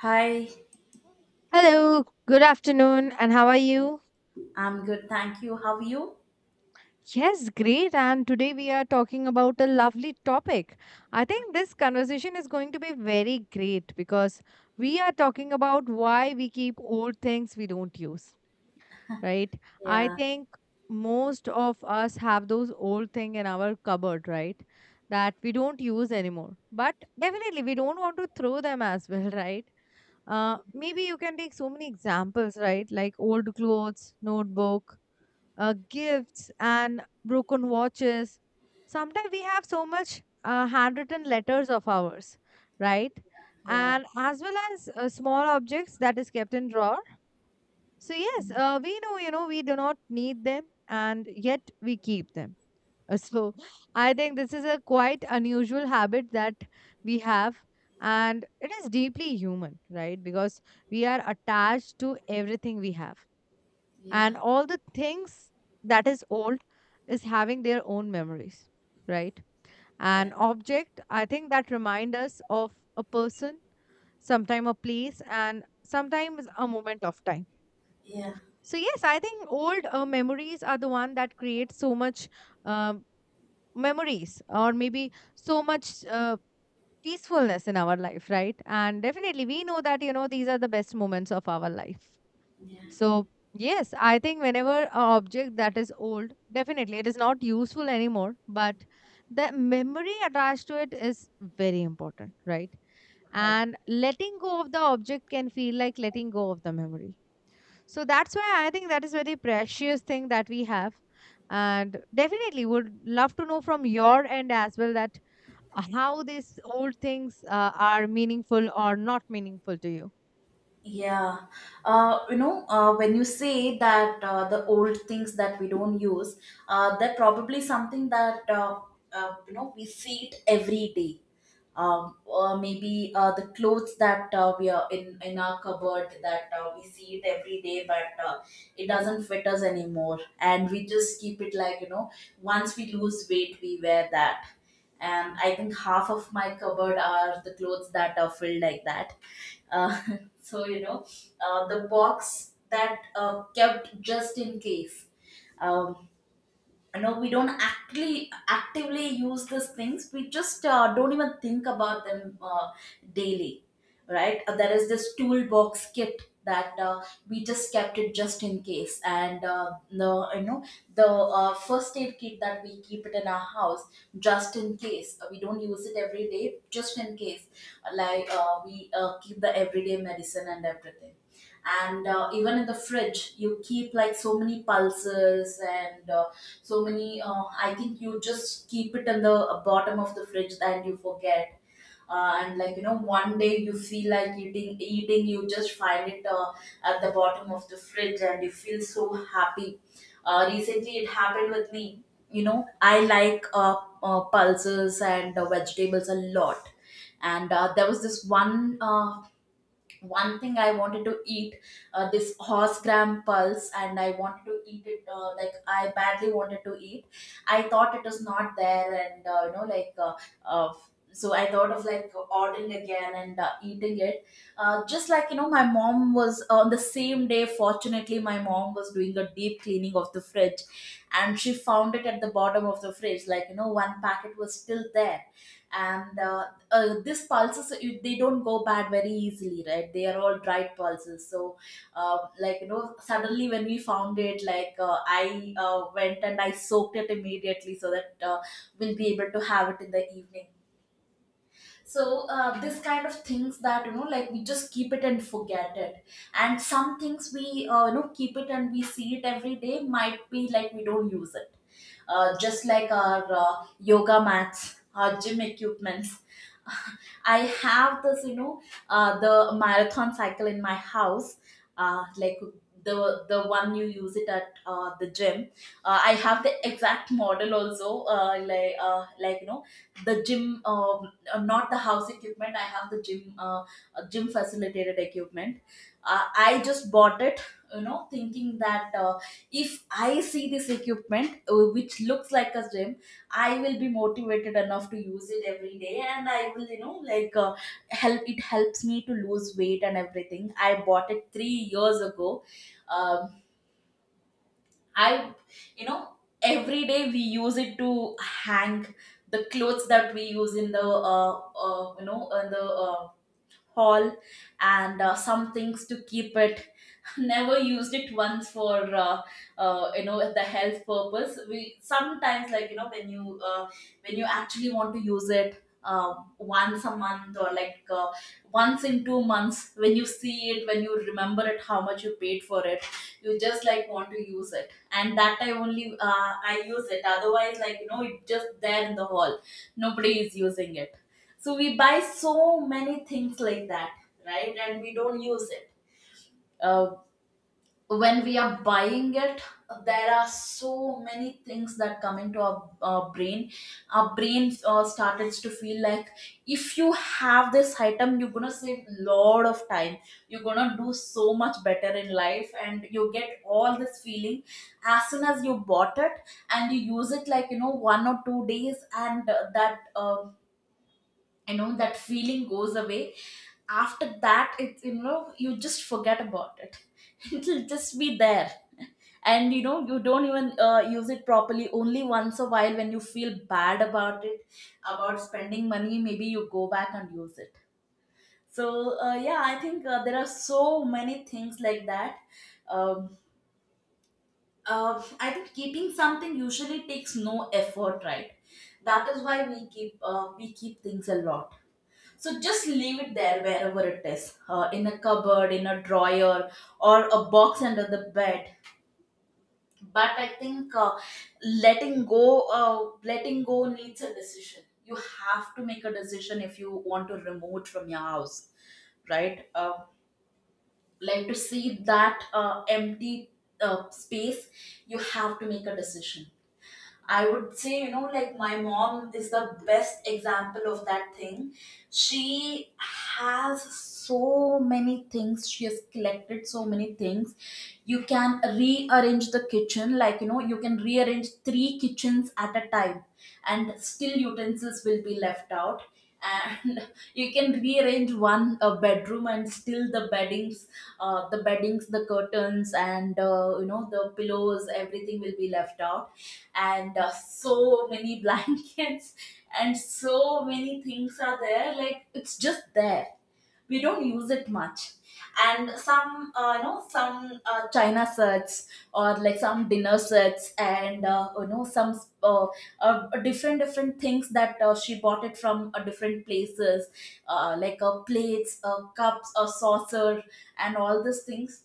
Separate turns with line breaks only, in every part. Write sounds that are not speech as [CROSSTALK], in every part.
Hi,
Hello, good afternoon, and how are you?
I'm good, thank you. How are you?
Yes, great. And today we are talking about a lovely topic. I think this conversation is going to be very great because we are talking about why we keep old things we don't use, right? I
Yeah,
think most of us have those old things in our cupboard, right? That we don't use anymore. But definitely we don't want to throw them as well, [LAUGHS] right? Maybe you can take so many examples, right? Like old clothes, notebook, gifts and broken watches. Sometimes we have so much handwritten letters of ours, right?
yeah,
And as well as small objects that is kept in drawer. So yes, we know we do not need them, and yet we keep them. So I think this is a quite unusual habit that we have, and it is deeply human, right? Because we are attached to everything we have,
yeah,
and all the things that is old is having their own memories, right?
yeah,
An object, I think, that remind us of a person, sometime a place and sometimes a moment of time.
yeah,
So yes, I think old memories are the one that create so much um memories, or maybe so much peacefulness in our life, right? And definitely we know that, you know, these are the best moments of our life.
yeah.
So, yes, I think whenever an object that is old, definitely it is not useful anymore, but the memory attached to it is very important, right?
I
And letting go of the object can feel like letting go of the memory. So that's why I think that is very precious thing that we have. And definitely would love to know from your end as well that how these old things are meaningful or not meaningful to you.
Yeah, when you say that the old things that we don't use, they're probably something that we see it every day. Or maybe the clothes that we are in our cupboard that we see it every day, but it doesn't fit us anymore, and we just keep it. Once we lose weight, we wear that, and I think half of my cupboard are the clothes that are filled like that uh, [LAUGHS] so, you know, the box that kept just in case. Um, no, we don't actually actively use these things. We just don't even think about them daily, right? There is this toolbox kit that we just kept it just in case. And the you know the first aid kit that we keep it in our house just in case. We don't use it every day, just in case. Like we keep the everyday medicine and everything. And even in the fridge, you keep like so many pulses. And so many I think you just keep it in the bottom of the fridge and you forget and like you know, one day you feel like eating, you just find it at the bottom of the fridge, and you feel so happy. Recently it happened with me. You know, I like pulses and vegetables a lot. And there was this one thing I wanted to eat, this horse gram pulse. And I wanted to eat it, like I badly wanted to eat. I thought it was not there. And uh, so I thought of like ordering again and eating it. Just like you know My mom was on the same day, fortunately, my mom was doing a deep cleaning of the fridge, and she found it at the bottom of the fridge, like, you know, one packet was still there. And these pulses, they don't go bad very easily, right? They are all dried pulses. So like, you know, suddenly when we found it, like, I went and I soaked it immediately so that we'll be able to have it in the evening. So this kind of things that, you know, like we just keep it and forget it. And some things we you know, keep it and we see it every day. Might be like we don't use it, just like our yoga mats, our gym equipments. [LAUGHS] I have this, you know, the marathon cycle in my house, like the the one you use it at the gym. I have the exact model also, uh, like uh, like you know the gym. um, Not the house equipment. I have the gym, gym facilitated equipment. I just bought it, you know, thinking that if I see this equipment, which looks like a gym, I will be motivated enough to use it every day, and I will, you know, help. It helps me to lose weight and everything. I bought it 3 years ago. Um, I, you know, every day we use it to hang the clothes that we use in the, you know, in the hall, and some things to keep it. Never used it once for you know, the health purpose. We sometimes, like, you know, when you actually want to use it once a month, or like once in 2 months, when you see it, when you remember it, how much you paid for it, you just like want to use it. And that I only I use it. Otherwise, like, you know, it just there in the hall, nobody is using it. So we buy so many things like that, right? And we don't use it. Uh, when we are buying it, there are so many things that come into our brain. Our brain started to feel like if you have this item, you're gonna save a lot of time, you're gonna do so much better in life, and you get all this feeling as soon as you bought it. And you use it like, you know, 1 or 2 days, and that you know, that feeling goes away. After that, it you know you just forget about it. [LAUGHS] It'll just be there. And you know, you don't even use it properly, only once a while when you feel bad about it, about spending money, maybe you go back and use it. So yeah, I think there are so many things like that. um, I think keeping something usually takes no effort, right? That is why we keep things a lot. So just leave it there wherever it is, in a cupboard, in a drawer, or a box under the bed. But I think letting go needs a decision. You have to make a decision if you want to remove it from your house, right? Like to see that empty space, you have to make a decision. I would say, you know, like my mom is the best example of that thing. She has so many things. She has collected so many things. You can rearrange the kitchen, like, you know, you can rearrange three kitchens at a time, and still utensils will be left out. And [LAUGHS] you can rearrange one bedroom, and still the beddings, the beddings, the curtains, and you know, the pillows, everything will be left out. And so many [LAUGHS] blankets and so many things are there, like it's just there. We don't use it much. And some you know, some china sets, or like some dinner sets, and you know some different different things that she bought it from different places, plates, cups, a saucer, and all these things.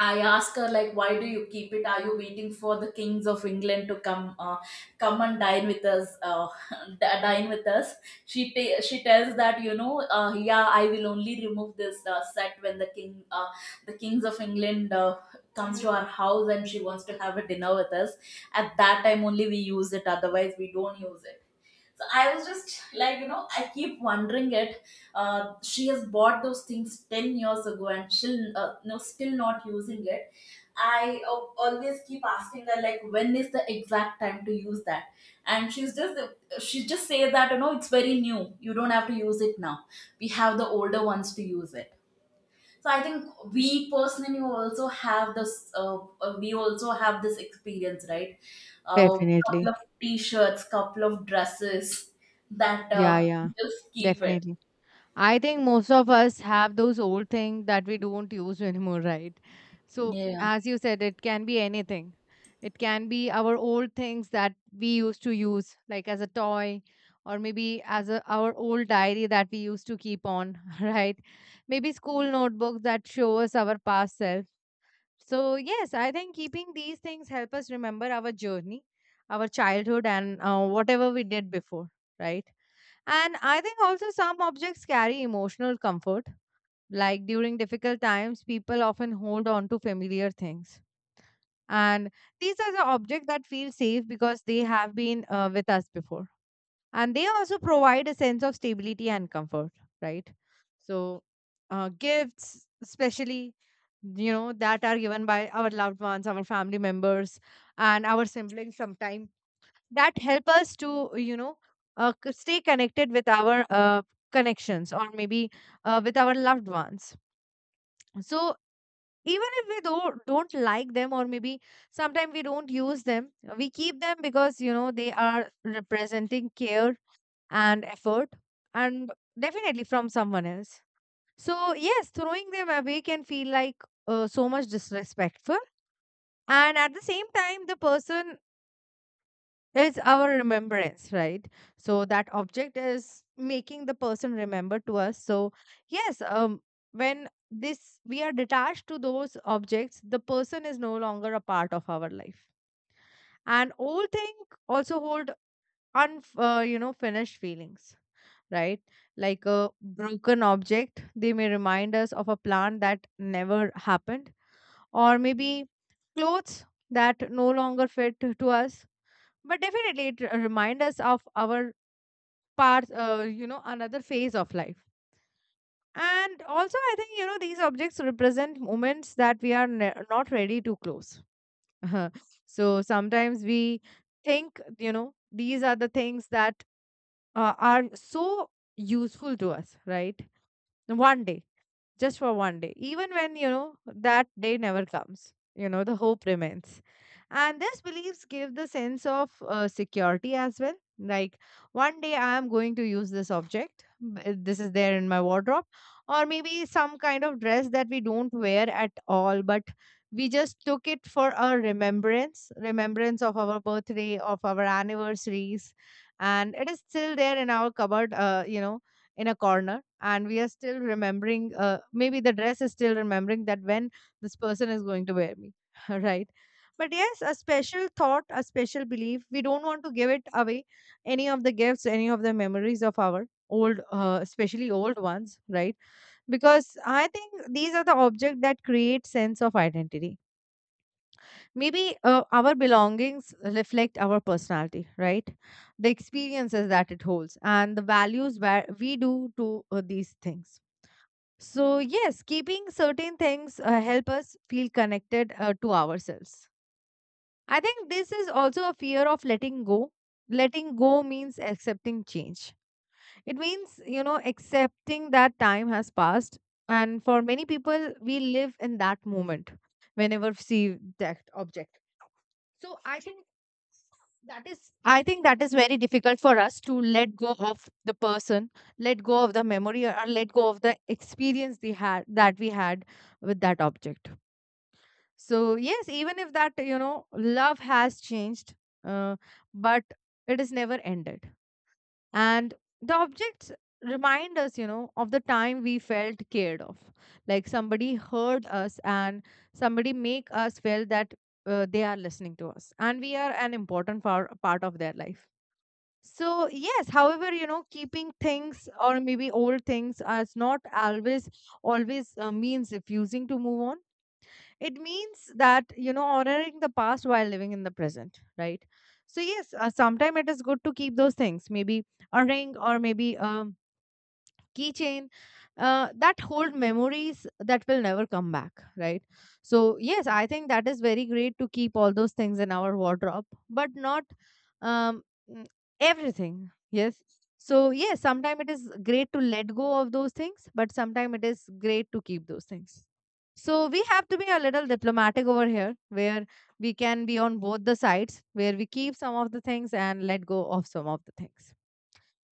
I ask her, like, why do you keep it? Are you waiting for the kings of England to come, come and dine with us? [LAUGHS] Dine with us. She tells that, you know, yeah, I will only remove this set when the king, the kings of England comes to our house and she wants to have a dinner with us. At that time only we use it. Otherwise we don't use it. So I was just like, you know, I keep wondering it. She has bought those things 10 years ago, and she'll no, still not using it. I always keep asking her, like, when is the exact time to use that? And she just say that, you know, it's very new. You don't have to use it now. We have the older ones to use it. So I think we personally also have this. We also have this experience, right? A couple
Definitely.
of t-shirts, couple of dresses that
Yeah, yeah.
just keep it.
Definitely. I think most of us have those old things that we don't use [LAUGHS] anymore, right? So,
Yeah,
as you said, it can be anything. It can be our old things that we used to use, like as a toy, or maybe as a, our old diary that we used to keep on, [LAUGHS] right? Maybe school notebooks that show us our past self. So yes, I think keeping these things help us remember our journey, our childhood, and whatever we did before, right? And I think also some objects carry emotional comfort. Like during difficult times, people often hold on to familiar things. And these are the objects that feel safe because they have been with us before, and they also provide a sense of stability and comfort, right? So gifts especially, you know, that are given by our loved ones, our family members and our siblings sometime, that help us to, you know, stay connected with our connections, or maybe with our loved ones. So even if we do, don't like them, or maybe sometimes we don't use them, we keep them because, you know, they are representing care and effort, and definitely from someone else. So, yes, throwing them away can feel like so much disrespectful. And at the same time, the person is our remembrance, right? So, that object is making the person remember to us. So, yes, when this we are detached to those objects, the person is no longer a part of our life. And old thing also hold un you know finished feelings, right? Like a broken object, they may remind us of a plan that never happened, or maybe clothes that no longer fit to us. But definitely, remind us of our parts, you know, another phase of life. And also, I think, you know, these objects represent moments that not ready to close. [LAUGHS] So sometimes we think, you know, these are the things that are so useful to us, right? One day, just for one day, even when you know that day never comes, you know the hope remains. And these beliefs give the sense of security as well. Like, one day I am going to use this object. This is there in my wardrobe, or maybe some kind of dress that we don't wear at all, but we just took it for our remembrance, remembrance of our birthday, of our anniversaries, and it is still there in our cupboard, you know, in a corner, and we are still remembering, maybe the dress is still remembering that, when this person is going to wear me? [LAUGHS] Right? But yes, a special thought, a special belief, we don't want to give it away, any of the gifts, any of the memories of our old, especially old ones, right? Because I think these are the objects that create sense of identity. Maybe our belongings reflect our personality, right? The experiences that it holds and the values where we do to these things. So, yes, keeping certain things help us feel connected to ourselves. I think this is also a fear of letting go. Letting go means accepting change. It means, you know, accepting that time has passed. And for many people, we live in that moment whenever we see that object. So I think that is, I think that is very difficult for us to let go of the person, let go of the memory, or let go of the experience they had, that we had with that object. So, yes, even if that, you know, love has changed, uh, but it is never ended, and the objects remind us, you know, of the time we felt cared of, like somebody heard us and somebody make us feel that they are listening to us and we are an important part of their life. So yes, however, you know, keeping things, or maybe old things as not always always means refusing to move on. It means that, you know, honoring the past while living in the present, right? So yes, sometime it is good to keep those things, maybe a ring or maybe keychain, that hold memories that will never come back, right? So yes, I think that is very great to keep all those things in our wardrobe, but not um, mm, everything. Yes. So yes, sometimes it is great to let go of those things, but sometimes it is great to keep those things. So we have to be a little diplomatic over here, where we can be on both the sides, where we keep some of the things and let go of some of the things.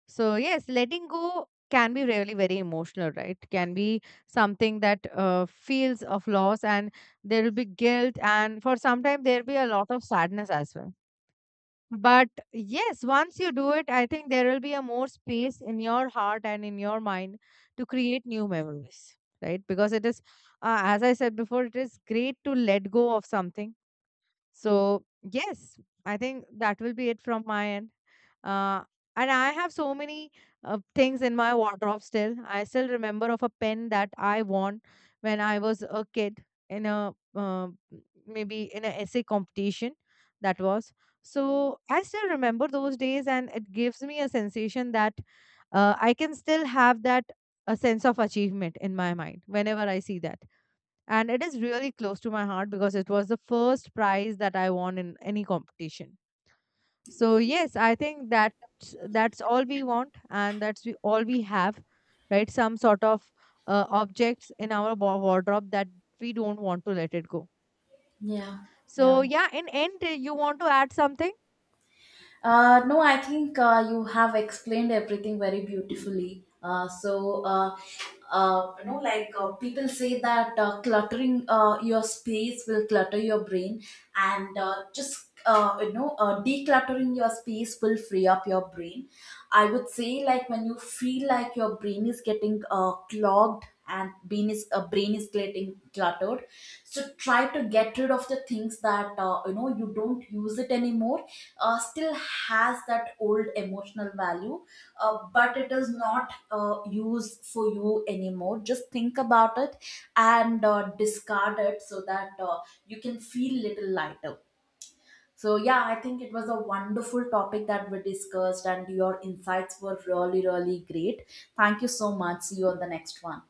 So yes, letting go can be really very emotional, right? Can be something that feels of loss, and there will be guilt, and for some time there will be a lot of sadness as well. But yes, once you do it, I think there will be a more space in your heart and in your mind to create new memories, right? Because it is, as I said before, it is great to let go of something. So, yes, I think that will be it from my end. Uh, and I have so many things in my wardrobe still. I still remember of a pen that I won when I was a kid in a maybe in an essay competition that was. So, I still remember those days, and it gives me a sensation that I can still have that, a sense of achievement in my mind whenever I see that, and it is really close to my heart because it was the first prize that I won in any competition. So yes, I think that, that's all we want, and that's we, all we have, right? Some sort of objects in our wardrobe that we don't want to let it go.
yeah,
So
yeah.
yeah, in end, you want to add something?
No, I think you have explained everything very beautifully. People say that cluttering your space will clutter your brain, and decluttering your space will free up your brain. I would say, like, when you feel like your brain is getting clogged, and brain is getting cluttered, so try to get rid of the things that you know, you don't use it anymore, still has that old emotional value, but it is not used for you anymore. Just think about it and discard it so that you can feel little lighter. So yeah, I think it was a wonderful topic that we discussed, and your insights were really, really great. Thank you so much. See you on the next one.